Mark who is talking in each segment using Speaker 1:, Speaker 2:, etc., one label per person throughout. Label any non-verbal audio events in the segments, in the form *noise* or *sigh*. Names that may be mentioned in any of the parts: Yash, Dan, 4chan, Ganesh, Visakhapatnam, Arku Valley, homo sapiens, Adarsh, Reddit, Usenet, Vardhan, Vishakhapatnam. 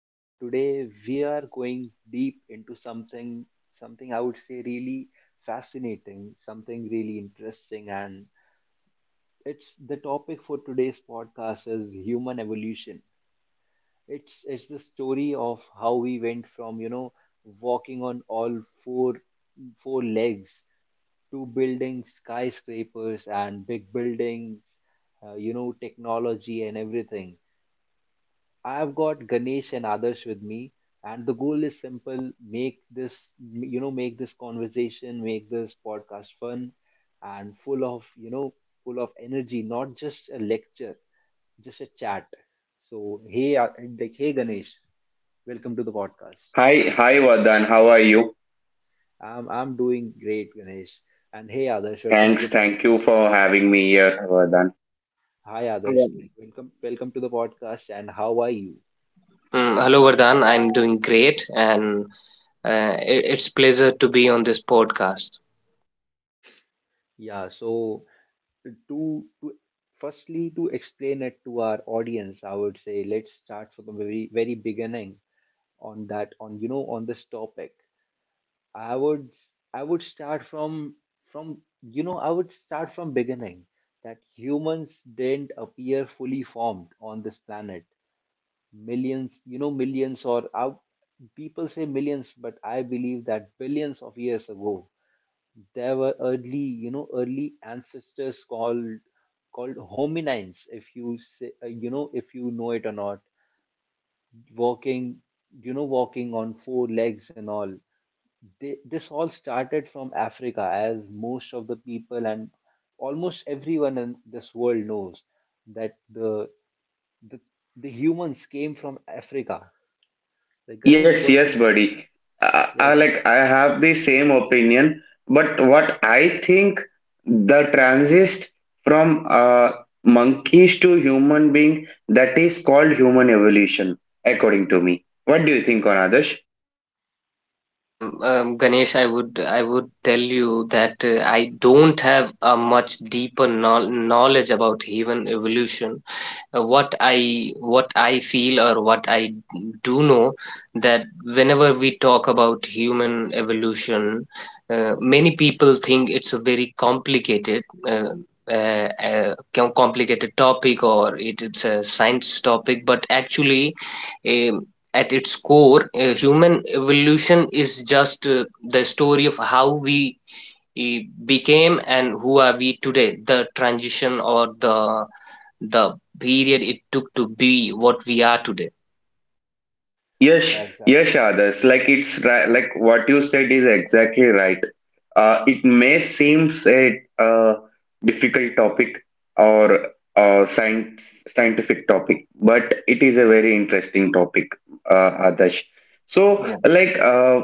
Speaker 1: and today we are going deep into something I would say really fascinating, something really interesting and it's the topic for today's podcast is human evolution. It's the story of how we went from, walking on all four legs to building skyscrapers and big buildings, technology and everything. I've got Ganesh and others with me, and the goal is simple: make this, make this conversation, make this podcast fun and full of, full of energy, not just a lecture, just a chat. So, hey, uh, hey, Ganesh, welcome to the podcast.
Speaker 2: Hi, hi Vardhan, how are you?
Speaker 1: I'm doing great, Ganesh, and hey, others, welcome to
Speaker 2: Thanks,
Speaker 1: the
Speaker 2: thank
Speaker 1: podcast.
Speaker 2: you for having me here, Vardhan.
Speaker 1: Hi
Speaker 3: Yeah.
Speaker 1: Adarsh, like, welcome to the podcast and how are you?
Speaker 3: Hello, Vardhan. I'm doing great, and it's pleasure to be on this podcast.
Speaker 1: Yeah, so to firstly to explain it to our audience, I would say let's start from the very beginning on that on you know on this topic. I would I would start from you know I would start from beginning that humans didn't appear fully formed on this planet millions, you know, millions or I, people say millions, but I believe that billions of years ago, there were early, early ancestors called hominines. If you say, if you know it or not, walking, walking on four legs and all. This all started from Africa, as most of the people and almost everyone in this world knows that the the humans came from Africa. Like Ganesh,
Speaker 2: Yes,
Speaker 1: what...
Speaker 2: yes, buddy. I,
Speaker 1: Yeah,
Speaker 2: I like
Speaker 1: exactly.
Speaker 2: I have the same opinion, but what I think the transist from monkeys to human being that is called human evolution, according to me. What do you think, on Adarsh?
Speaker 3: Yeah, Ganesh, I would tell you that I don't have a much deeper knowledge about human evolution. What I feel or what I do know that whenever we talk about human evolution, many people think it's a very complicated uh, complicated topic or it's a science topic, but actually, um at its core, human evolution is just the story of how we became and who are we today, the transition or the period it took to be what we are today.
Speaker 2: Yes,
Speaker 1: Yeah, exactly.
Speaker 2: yes, others. Like it's right, like what you said is exactly right. It may seem a uh, difficult topic or science, scientific topic, but it is a very interesting topic, Adarsh. So,
Speaker 3: Yeah.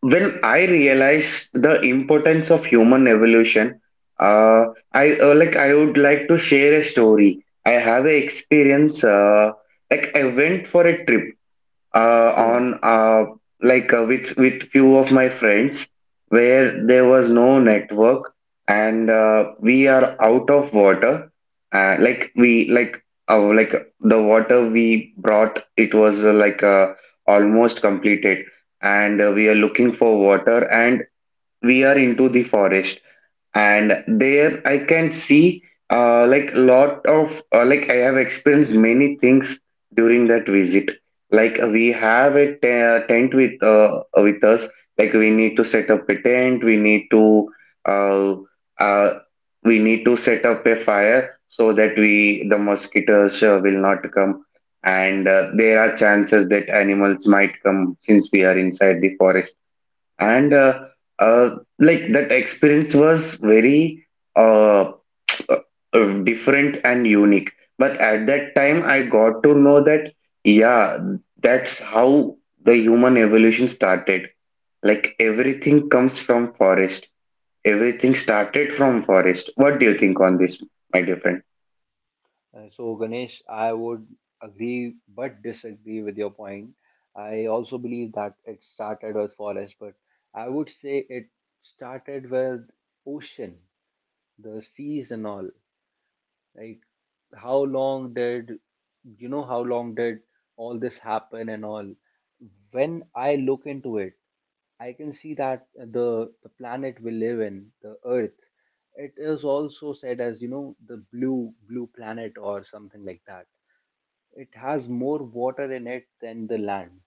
Speaker 2: when I realized the importance of human evolution, uh, I like I would like to share a story. I have a experience. Like I went for a trip
Speaker 3: Mm.
Speaker 2: on with few of my friends where there was no network and we are out of water like we uh, like the water we brought it was almost completed and we are looking for water and we are into the forest and there I can see like lot of like I have experienced many things during that visit. Like we have a tent with us. Like we need to set up a tent. Uh, uh, we need to set up a fire so that we the mosquitoes will not come. And there are chances that animals might come since we are inside the forest and uh, like that experience was very uh, different and unique, but at that time I got to know that yeah, that's how the human evolution started. Like everything comes from forest, everything started from forest. What do you think on this, my dear friend?
Speaker 1: So, Ganesh, I would agree but disagree with your point. I also believe that it started with forest, but I would say it started with ocean, the seas and all. Like, how long did how long did all this happen and all? When I look into it, I can see that the planet we live in, the Earth, it is also said as the blue planet or something like that. It has more water in it than the land.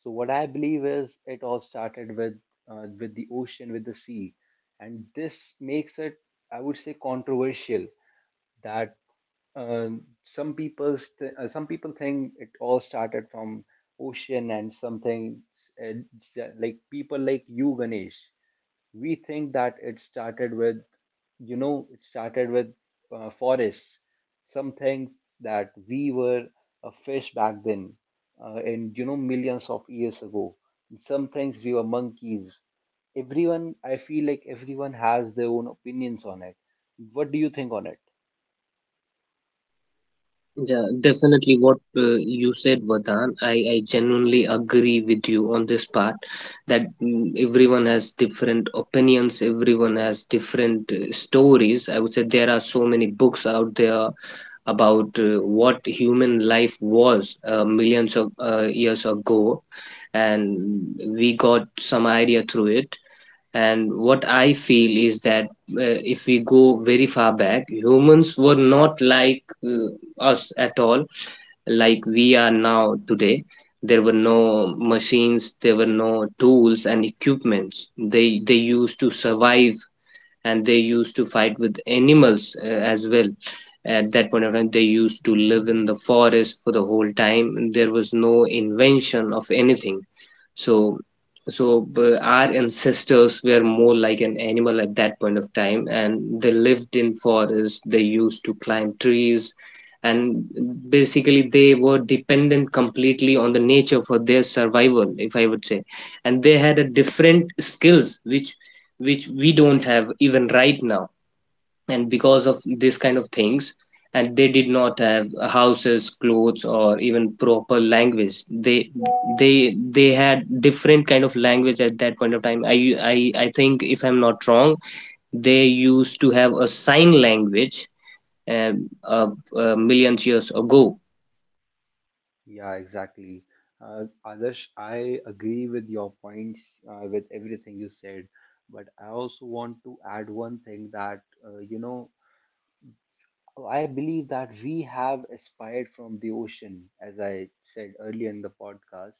Speaker 1: So what I believe is it all started with the ocean, with the sea, and this makes it, I would say, controversial, that some people think it all started from ocean and something, uh, like people like you, Ganesh, we think that it started with forests. Some things, that we were a fish back then, and you know millions of years ago, some things we were monkeys. Everyone, I feel like everyone has their own opinions on it. What do you think on it?
Speaker 3: Yeah, definitely what you said, Vardhan. I genuinely agree with you on this part that everyone has different opinions, everyone has different stories. I would say there are so many books out there about what human life was millions of years ago, and we got some idea through it. And what I feel is that, if we go very far back, humans were not like us at all, like we are now today. There were no machines, there were no tools and equipments they used to survive and they used to fight with animals as well. At that point of time, they used to live in the forest for the whole time. There was no invention of anything. So so uh, our ancestors were more like an animal at that point of time, and they lived in forests. They used to climb trees, and basically they were dependent completely on the nature for their survival, if I would say. And they had a different skills which we don't have even right now. And because of this kind of things, and they did not have houses, clothes, or even proper language. They they had different kind of language at that point of time. I think, if I'm not wrong, they used to have a sign language, um, uh, millions years ago.
Speaker 1: Yeah, exactly. Adarsh, I agree with your points, with everything you said, but I also want to add one thing that, I believe that we have aspired from the ocean, as I said earlier in the podcast.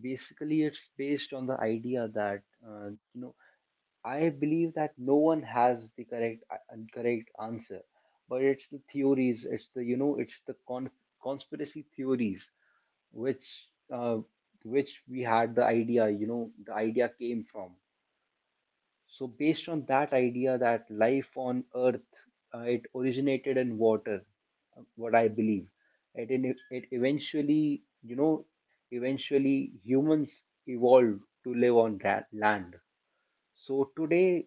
Speaker 1: Basically, it's based on the idea that, uh, you know, I believe that no one has the correct, correct answer, but it's the theories, it's the, it's the conspiracy theories which, uh, which we had the idea you know the idea came from. So based on that idea that life on earth, it originated in water. What I believe it in, It eventually, eventually humans evolved to live on that land. So today,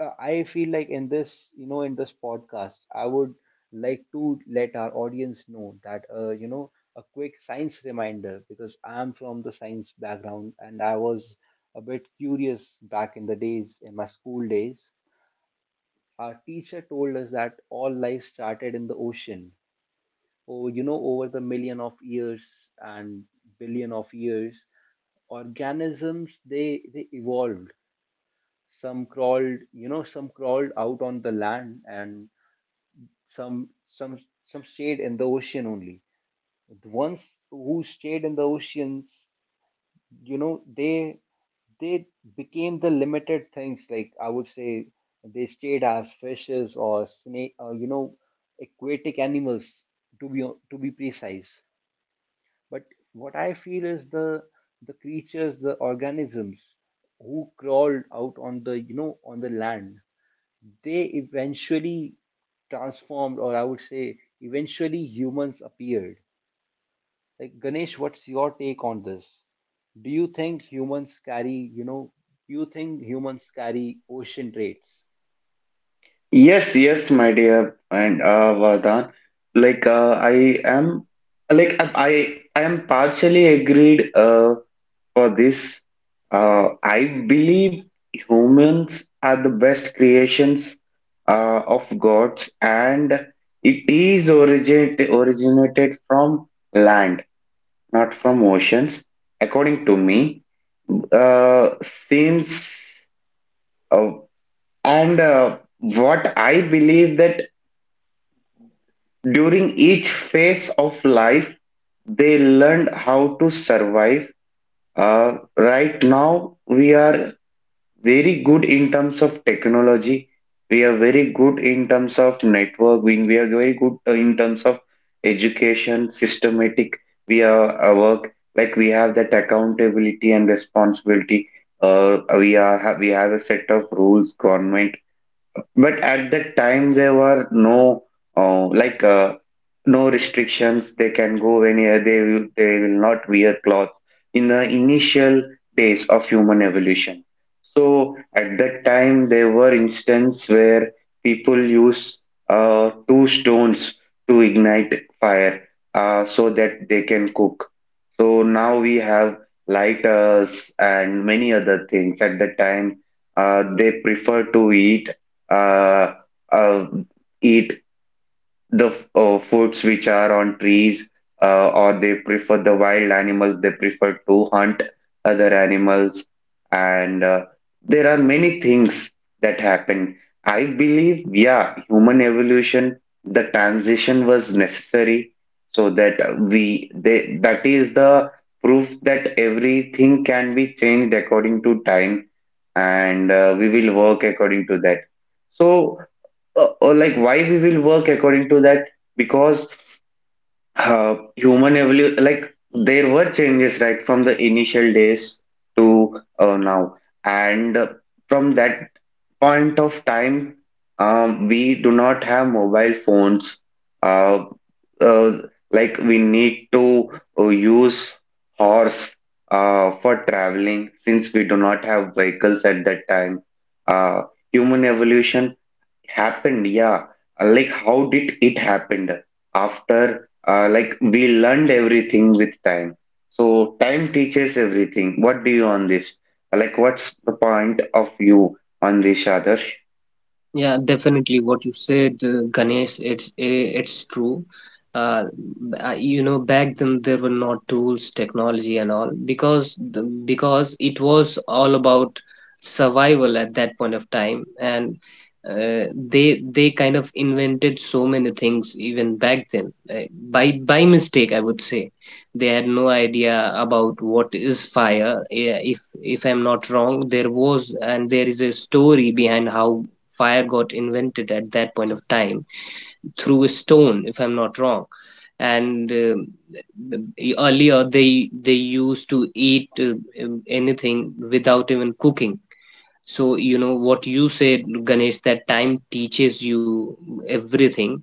Speaker 1: I feel like in this, in this podcast, I would like to let our audience know that, a quick science reminder, because I'm from the science background and I was a bit curious back in the days, in my school days. Our teacher told us that all life started in the ocean. Oh, over the million of years and billion of years, organisms, they evolved. Some crawled, some crawled out on the land, and some some some stayed in the ocean only. The ones who stayed in the oceans, you know they they became the limited things, like I would say, they stayed as fishes or snake or, aquatic animals, to be to be precise. But what I feel is the creatures, the organisms who crawled out on the you know on the land, they eventually transformed, or I would say, eventually humans appeared. Like, Ganesh, what's your take on this? Do you think humans carry, do you think humans carry ocean traits?
Speaker 2: Yes, yes, my dear and Vardhan, I am like I am partially agreed for this. I believe humans are the best creations of gods, and it is originated from land, not from oceans, according to me. Uh, since uh, and what I believe that during each phase of life, they learned how to survive. Right now, we are very good in terms of technology. We are very good in terms of network. We are very good in terms of education, systematic. We are our work like we have that accountability and responsibility. We are we have a set of rules. Government, but at that time, there were no uh, like uh, no restrictions. They can go anywhere. They will not wear clothes in the initial days of human evolution. So at that time, there were instances where people use two stones to ignite fire so that they can cook. So now we have lighters and many other things. At that time, they prefer to eat uh, uh, eat the foods which are on trees or they prefer the wild animals, they prefer to hunt other animals. And there are many things that happen. I believe yeah, human evolution, the transition was necessary so that that is the proof that everything can be changed according to time and we will work according to that. So or like why we will work according to that, because human evolution, like there were changes right from the initial days to now. And from that point of time, we do not have mobile phones, uh, uh, like we need to use horse for traveling since we do not have vehicles at that time. Uh, human evolution happened, yeah. Like how did it happened after like we learned everything with time. So time teaches everything. What do you on this? Like what's the point of view on this, Adarsh?
Speaker 3: Yeah, definitely. What you said, Ganesh, it's true. Uh, you know, back then there were not tools, technology, and all because because it was all about survival at that point of time, and uh, they kind of invented so many things even back then, by mistake, I would say. They had no idea about what is fire. Yeah, if I'm not wrong, there was and there is a story behind how fire got invented at that point of time through a stone, if I'm not wrong. And earlier, they used to eat anything without even cooking. So you know what you said, Ganesh, that time teaches you everything.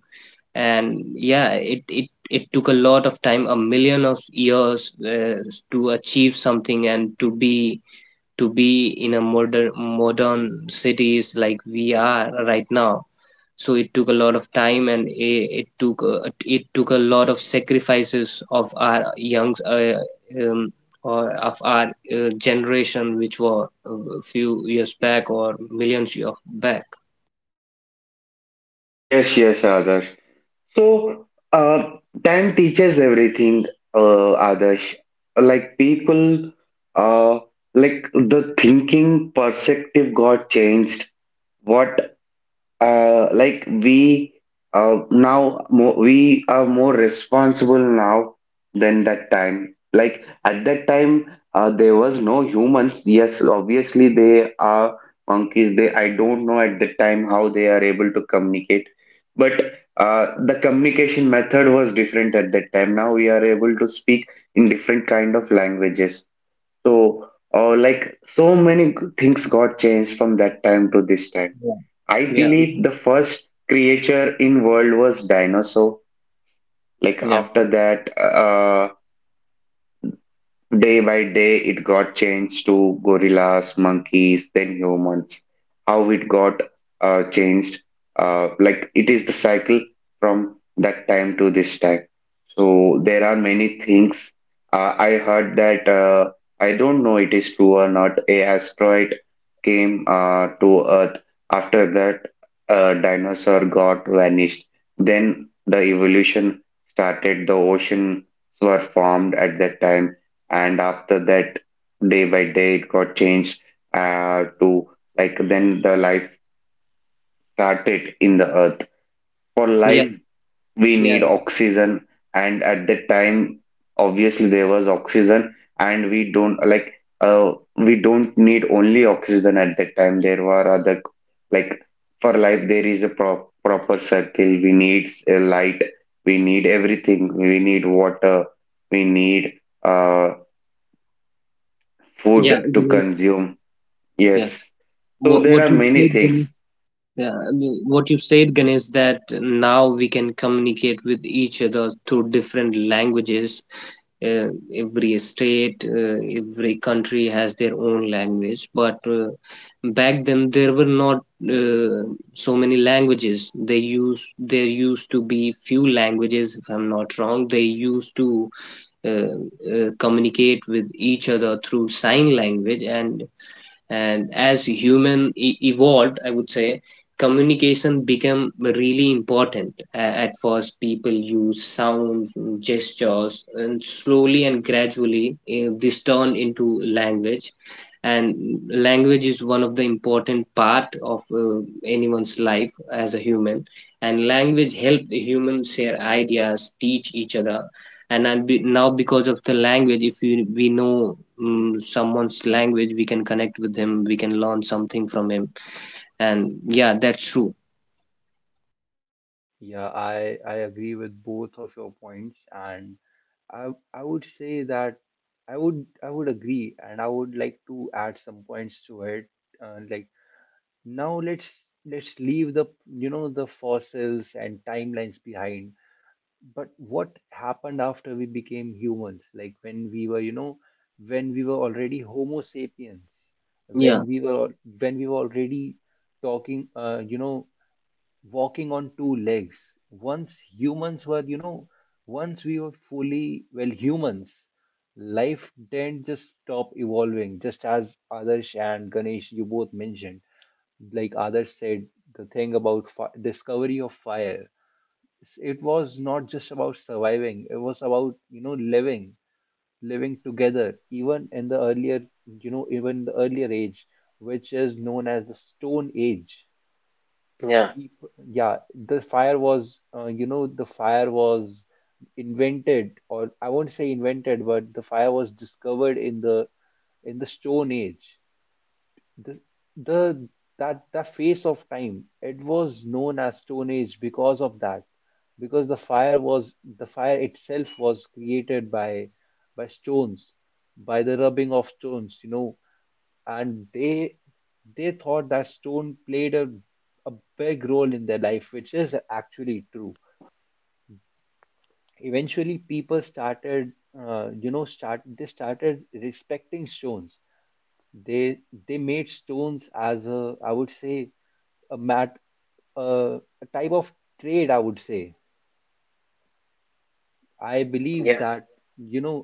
Speaker 3: And yeah, it took a lot of time, a million of years, to achieve something and to be in a modern cities like we are right now. So it took a lot of time, and it took a lot of sacrifices of our young um, or of our generation which were a few years back or millions of back.
Speaker 2: Yes, yes, Adarsh. So uh, time teaches everything, others. Like people, uh, like the thinking perspective got changed. What like we now more, we are more responsible now than that time. Like at that time, there was no humans. Yes, obviously they are monkeys. They, I don't know at that time how they are able to communicate, but the communication method was different at that time. Now we are able to speak in different kind of languages. So like so many things got changed from that time to this time.
Speaker 3: Yeah.
Speaker 2: I
Speaker 3: Yeah.
Speaker 2: believe the first creature in world was dinosaur. Like
Speaker 3: Yeah.
Speaker 2: after that, day by day, it got changed to gorillas, monkeys, then humans. How it got changed, like it is the cycle from that time to this time. So there are many things. I heard that I don't know it is true or not. A asteroid came to Earth. After that, a dinosaur got vanished. Then the evolution started. The oceans were formed at that time, and after that day by day it got changed to like then the life started in the earth. For
Speaker 3: Yeah.
Speaker 2: life we
Speaker 3: Yeah.
Speaker 2: need oxygen, and at that time obviously there was oxygen. And we don't like uh, we don't need only oxygen at that time. There were other, like for life there is a proper circle. We need a light, we need everything, we need water, we need uh,
Speaker 3: Yeah,
Speaker 2: food to
Speaker 3: Ganesh.
Speaker 2: consume.
Speaker 3: Yeah,
Speaker 2: Yes. So there are
Speaker 3: what you
Speaker 2: many
Speaker 3: said,
Speaker 2: things.
Speaker 3: Ganesh. Yeah, I mean, what you said, Ganesh, that now we can communicate with each other through different languages. Uh, every state, every country has their own language, but back then there were not uh, so many languages. They used There used to be few languages, if I'm not wrong. They used to communicate with each other through sign language. And as evolved, I would say, communication became really important. A- at first, people use sounds, gestures, and slowly and gradually this turned into language. And language is one of the important part of anyone's life as a human. And language help the humans share ideas, teach each other, and now because of the language, if we know someone's language, we can connect with him, we can learn something from him. And yeah, that's true.
Speaker 1: I agree with both of your points, and I would say that I would agree, and I would like to add some points to it. Like now let's leave the you know the fossils and timelines behind, but what happened after we became humans, like when we were already homo sapiens,
Speaker 3: Yeah.
Speaker 1: when we were, when we were already talking, walking on two legs. Once humans were, once we were fully, well, humans, life didn't just stop evolving, just as Adarsh and Ganesh, you both mentioned. Like others said, the thing about discovery of fire, it was not just about surviving, it was about, living, living together. Even in the earlier, even the earlier age, which is known as the stone age.
Speaker 3: Yeah,
Speaker 1: Peop- yeah, the fire was, the fire was invented, or I won't say invented, but the fire was discovered in the, in the stone age. The the that the face of time, it was known as stone age because of that, because the fire was, the fire itself was created by stones, by the rubbing of stones, you know. And they thought that stone played a big role in their life, which is actually true. Eventually, people started, you know start they started respecting stones. they they made stones as a, I would say, a mat, uh, a type of trade, I would say. I believe
Speaker 3: yeah,
Speaker 1: that, you know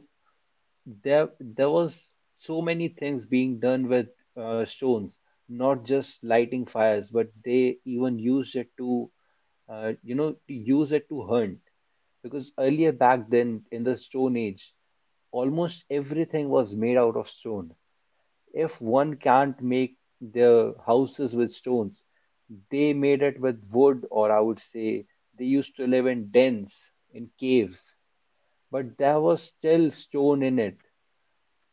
Speaker 1: there there was so many things being done with, stones. Not just lighting fires, but they even used it to, to use it to hunt, because earlier back then in the stone age, almost everything was made out of stone. If one can't make their houses with stones, they made it with wood, or I would say they used to live in dens, in caves, but there was still stone in it.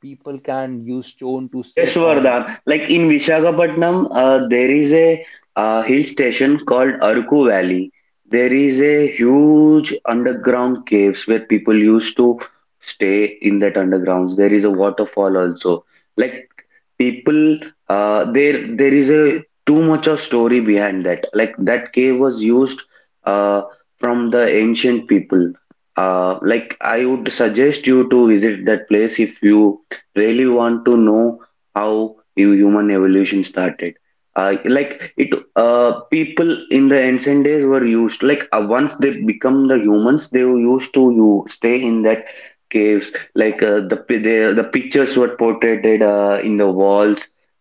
Speaker 1: People can use stone
Speaker 2: Yash,
Speaker 1: to
Speaker 2: Yash
Speaker 1: sit on.
Speaker 2: Vardhan. Like in Visakhapatnam, there is a hill station called Arku Valley. There is a huge underground caves where people used to stay in that undergrounds. There is a waterfall also. Like people, there is a too much of story behind that. Like that cave was used uh, from the ancient people. Like I would suggest you to visit that place if you really want to know how human evolution started. Like it, people in the ancient days were used like once they become the humans, they were used to you stay in that caves. Like the the pictures were portrayed in the walls.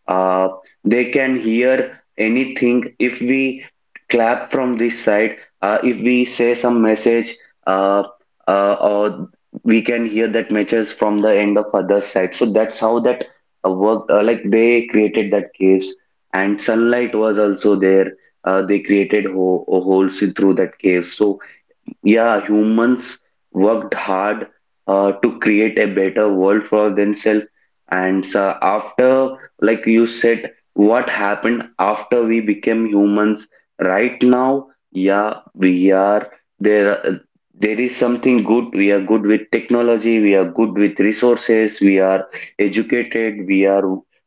Speaker 2: Uh, they can hear anything if we clap from this side. If we say some message. Uh, or we can hear that matches from the end of other side. So that's how that worked. Uh, like they created that caves, and sunlight was also there. Uh, they created holes in through that cave. So yeah, humans worked hard to create a better world for themselves. And so after, like you said, what happened after we became humans? Right now, yeah, we are there. There is something good. We are good with technology. We are good with resources. We are educated. We are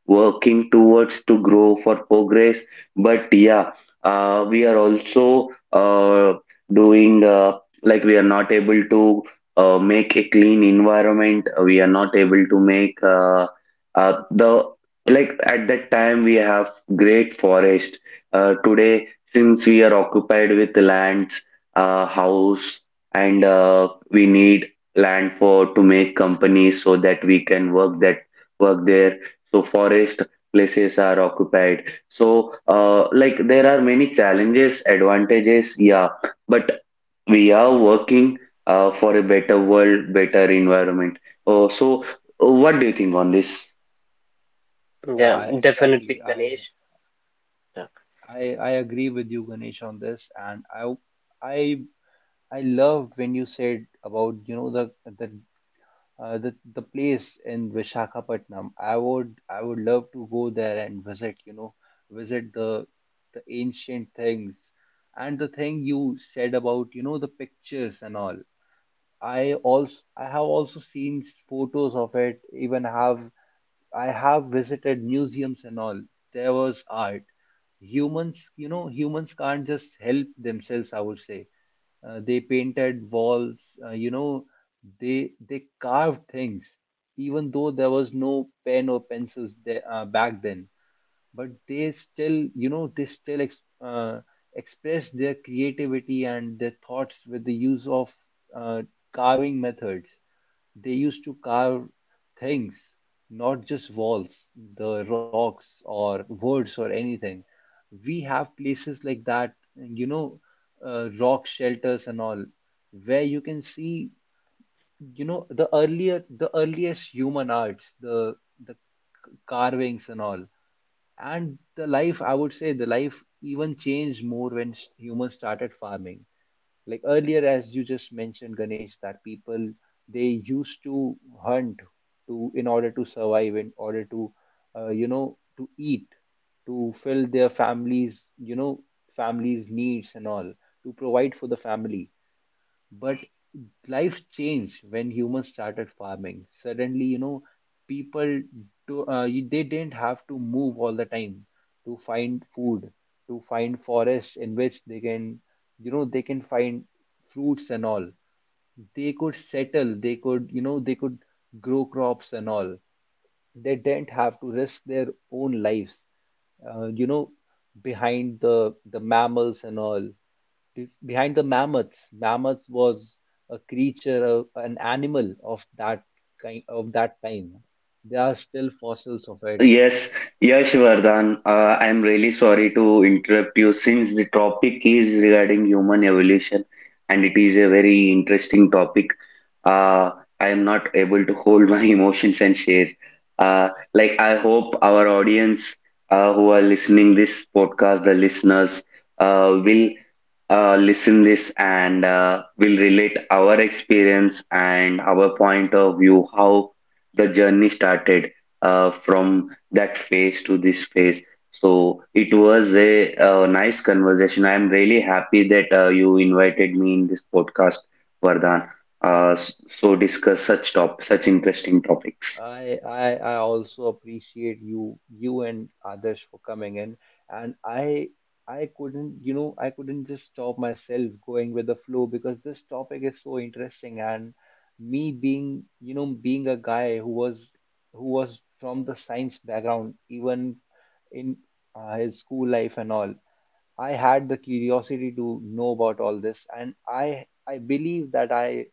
Speaker 2: working towards to grow for progress. But yeah, we are also doing. Like we are not able to make a clean environment, we are not able to make the like at that time we have great forest. Uh, today since we are occupied with lands, house, and we need land for to make companies so that we can work that, work there. So forest places are occupied. So like there are many challenges, advantages, yeah. But we are working for a better world, better environment. So, what do you think on this?
Speaker 3: yeah, Definitely,
Speaker 1: Exactly. I
Speaker 3: Ganesh. Yeah,
Speaker 1: I I agree with you, Ganesh, on this, and I I love when you said about, the place in Vishakhapatnam. I would love to go there and visit. You know, visit the ancient things, and the thing you said about, the pictures and all. I have also seen photos of it. Even have I have visited museums and all. There was art. Humans, humans can't just help themselves, I would say. They painted walls, they carved things, even though there was no pen or pencils there, back then. But they still, they still ex expressed their creativity and their thoughts with the use of, uh, carving methods. They used to carve things, not just walls, the rocks or words or anything. We have places like that, rock shelters and all, where you can see, the earlier, the earliest human arts, the carvings and all. And the life, I would say, the life even changed more when humans started farming. Like earlier, as you just mentioned, Ganesh, that people, they used to hunt to in order to survive, in order to, to eat, to fill their families, families' needs and all, to provide for the family. But life changed when humans started farming. Suddenly, people they didn't have to move all the time to find food, to find forests in which they can, they can find fruits and all. They could settle, they could, they could grow crops and all. They didn't have to risk their own lives, uh, you know behind the mammals and all, behind the mammoths. Mammoths was a creature, an animal of that kind of that time. There are still fossils of it.
Speaker 2: Yes, Yash Vardhan, I'm really sorry to interrupt you since the topic is regarding human evolution and it is a very interesting topic. Uh, I am not able to hold my *laughs* emotions and share. Like I hope our audience who are listening this podcast, the listeners, will listen this and will relate our experience and our point of view, how the journey started from that phase to this phase. So it was a, uh, nice conversation. I'm really happy that you invited me in this podcast, Vardhan. Uh, s- so discuss such such interesting topics.
Speaker 1: I also appreciate you, you and others, for coming in, and I couldn't, I couldn't just stop myself going with the flow, because this topic is so interesting, and me being, being a guy who was, who was from the science background, even in, his school life and all. I had the curiosity to know about all this, and I believe that I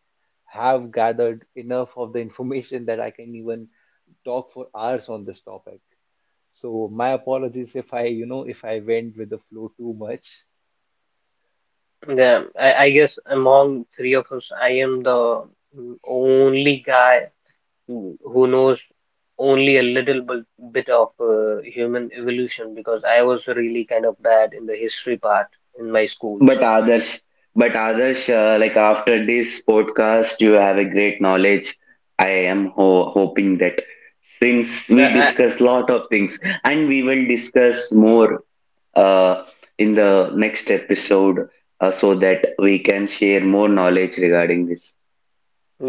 Speaker 1: have gathered enough of the information that I can even talk for hours on this topic. So my apologies if I, if I went with the flow too much.
Speaker 3: yeah. I guess among three of us, I am the only guy who knows only a little bit of human evolution, because I was really kind of bad in the history part in my schools.
Speaker 2: But Adarsh, but Adarsh, like after this podcast, you have a great knowledge. I am ho hoping that since we
Speaker 3: I
Speaker 2: discuss lot of things, and we will discuss more uh, in the next episode so that we can share more knowledge regarding this.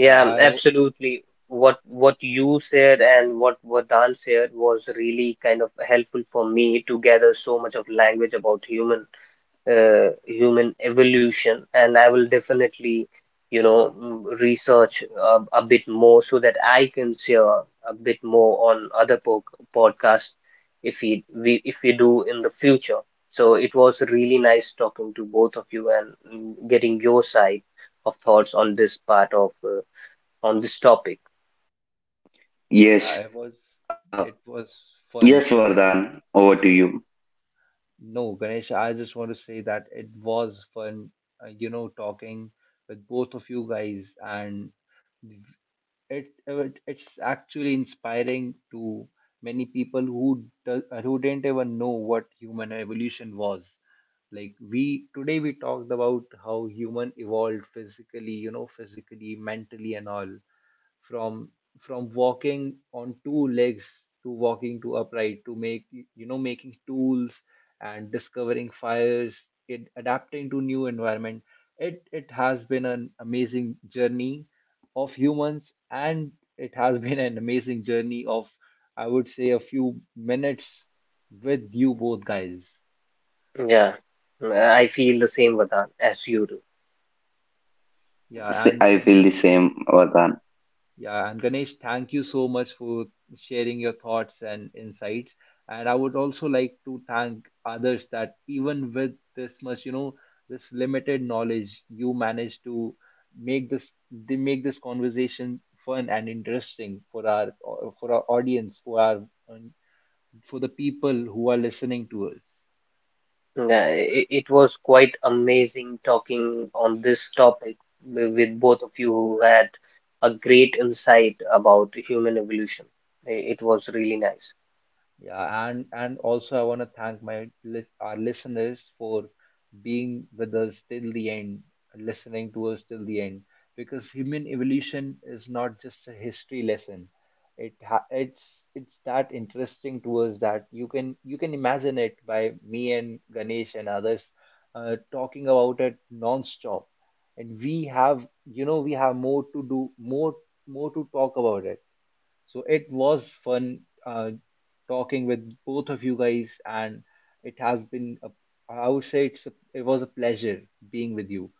Speaker 1: Yeah, I
Speaker 3: absolutely. What you said and what Dan said was really kind of helpful for me to gather so much of language about human human evolution. And I will definitely, you know, research a bit more so that I can share a bit more on other po podcasts if we, we if we do in the future. So it was really nice talking to both of you and, getting your side of thoughts on this part of. On this topic.
Speaker 2: Yes,
Speaker 1: yeah, it was,
Speaker 2: uh,
Speaker 1: it was
Speaker 2: yes,
Speaker 1: fun. It was,
Speaker 2: Vardhan, over to you.
Speaker 1: no, Ganesh, I just want to say that it was fun, talking with both of you guys, and it's actually inspiring to many people who who didn't even know what human evolution was. Like, we today we talked about how human evolved physically, physically, mentally and all, from from walking on two legs, to walking to upright, to make you know making tools and discovering fires, it adapting to new environment. It has been an amazing journey of humans, and it has *laughs* been an amazing journey of, I would say, a few minutes with you both guys.
Speaker 3: Yeah, I feel the same, Vardhan, as you do.
Speaker 1: yeah and
Speaker 2: I feel
Speaker 1: ganesh
Speaker 2: the same, Vardhan.
Speaker 1: Yeah, and Ganesh, thank you so much for sharing your thoughts and insights. And I would also like to thank others that, even with this much, this limited knowledge, you managed to make this conversation fun and interesting for our, for our audience, for our, and for the people who are listening to us.
Speaker 3: Yeah, it was quite amazing talking on this topic with both of you who had a great insight about human evolution. I- It was really nice.
Speaker 1: Yeah, and also I want to thank our listeners for being with us till the end, listening to us till the end, because human evolution is not just a history lesson. It's that interesting to us that you can, you can imagine it by me and Ganesh and others, talking about it non-stop, and we have, we have more to do more, more to talk about it. So it was fun, uh, talking with both of you guys, and it has been a, I would say it's a, it was a pleasure being with you.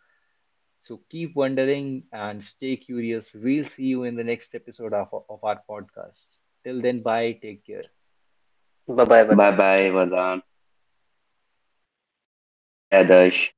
Speaker 1: So keep wondering and stay curious. We'll see you in the next episode of our podcast. Till then, bye. Take care.
Speaker 3: Bye bye,
Speaker 2: Bye
Speaker 3: Vardhan.
Speaker 2: bye,
Speaker 3: Take care.
Speaker 2: Vardhan. Bye, Adarsh.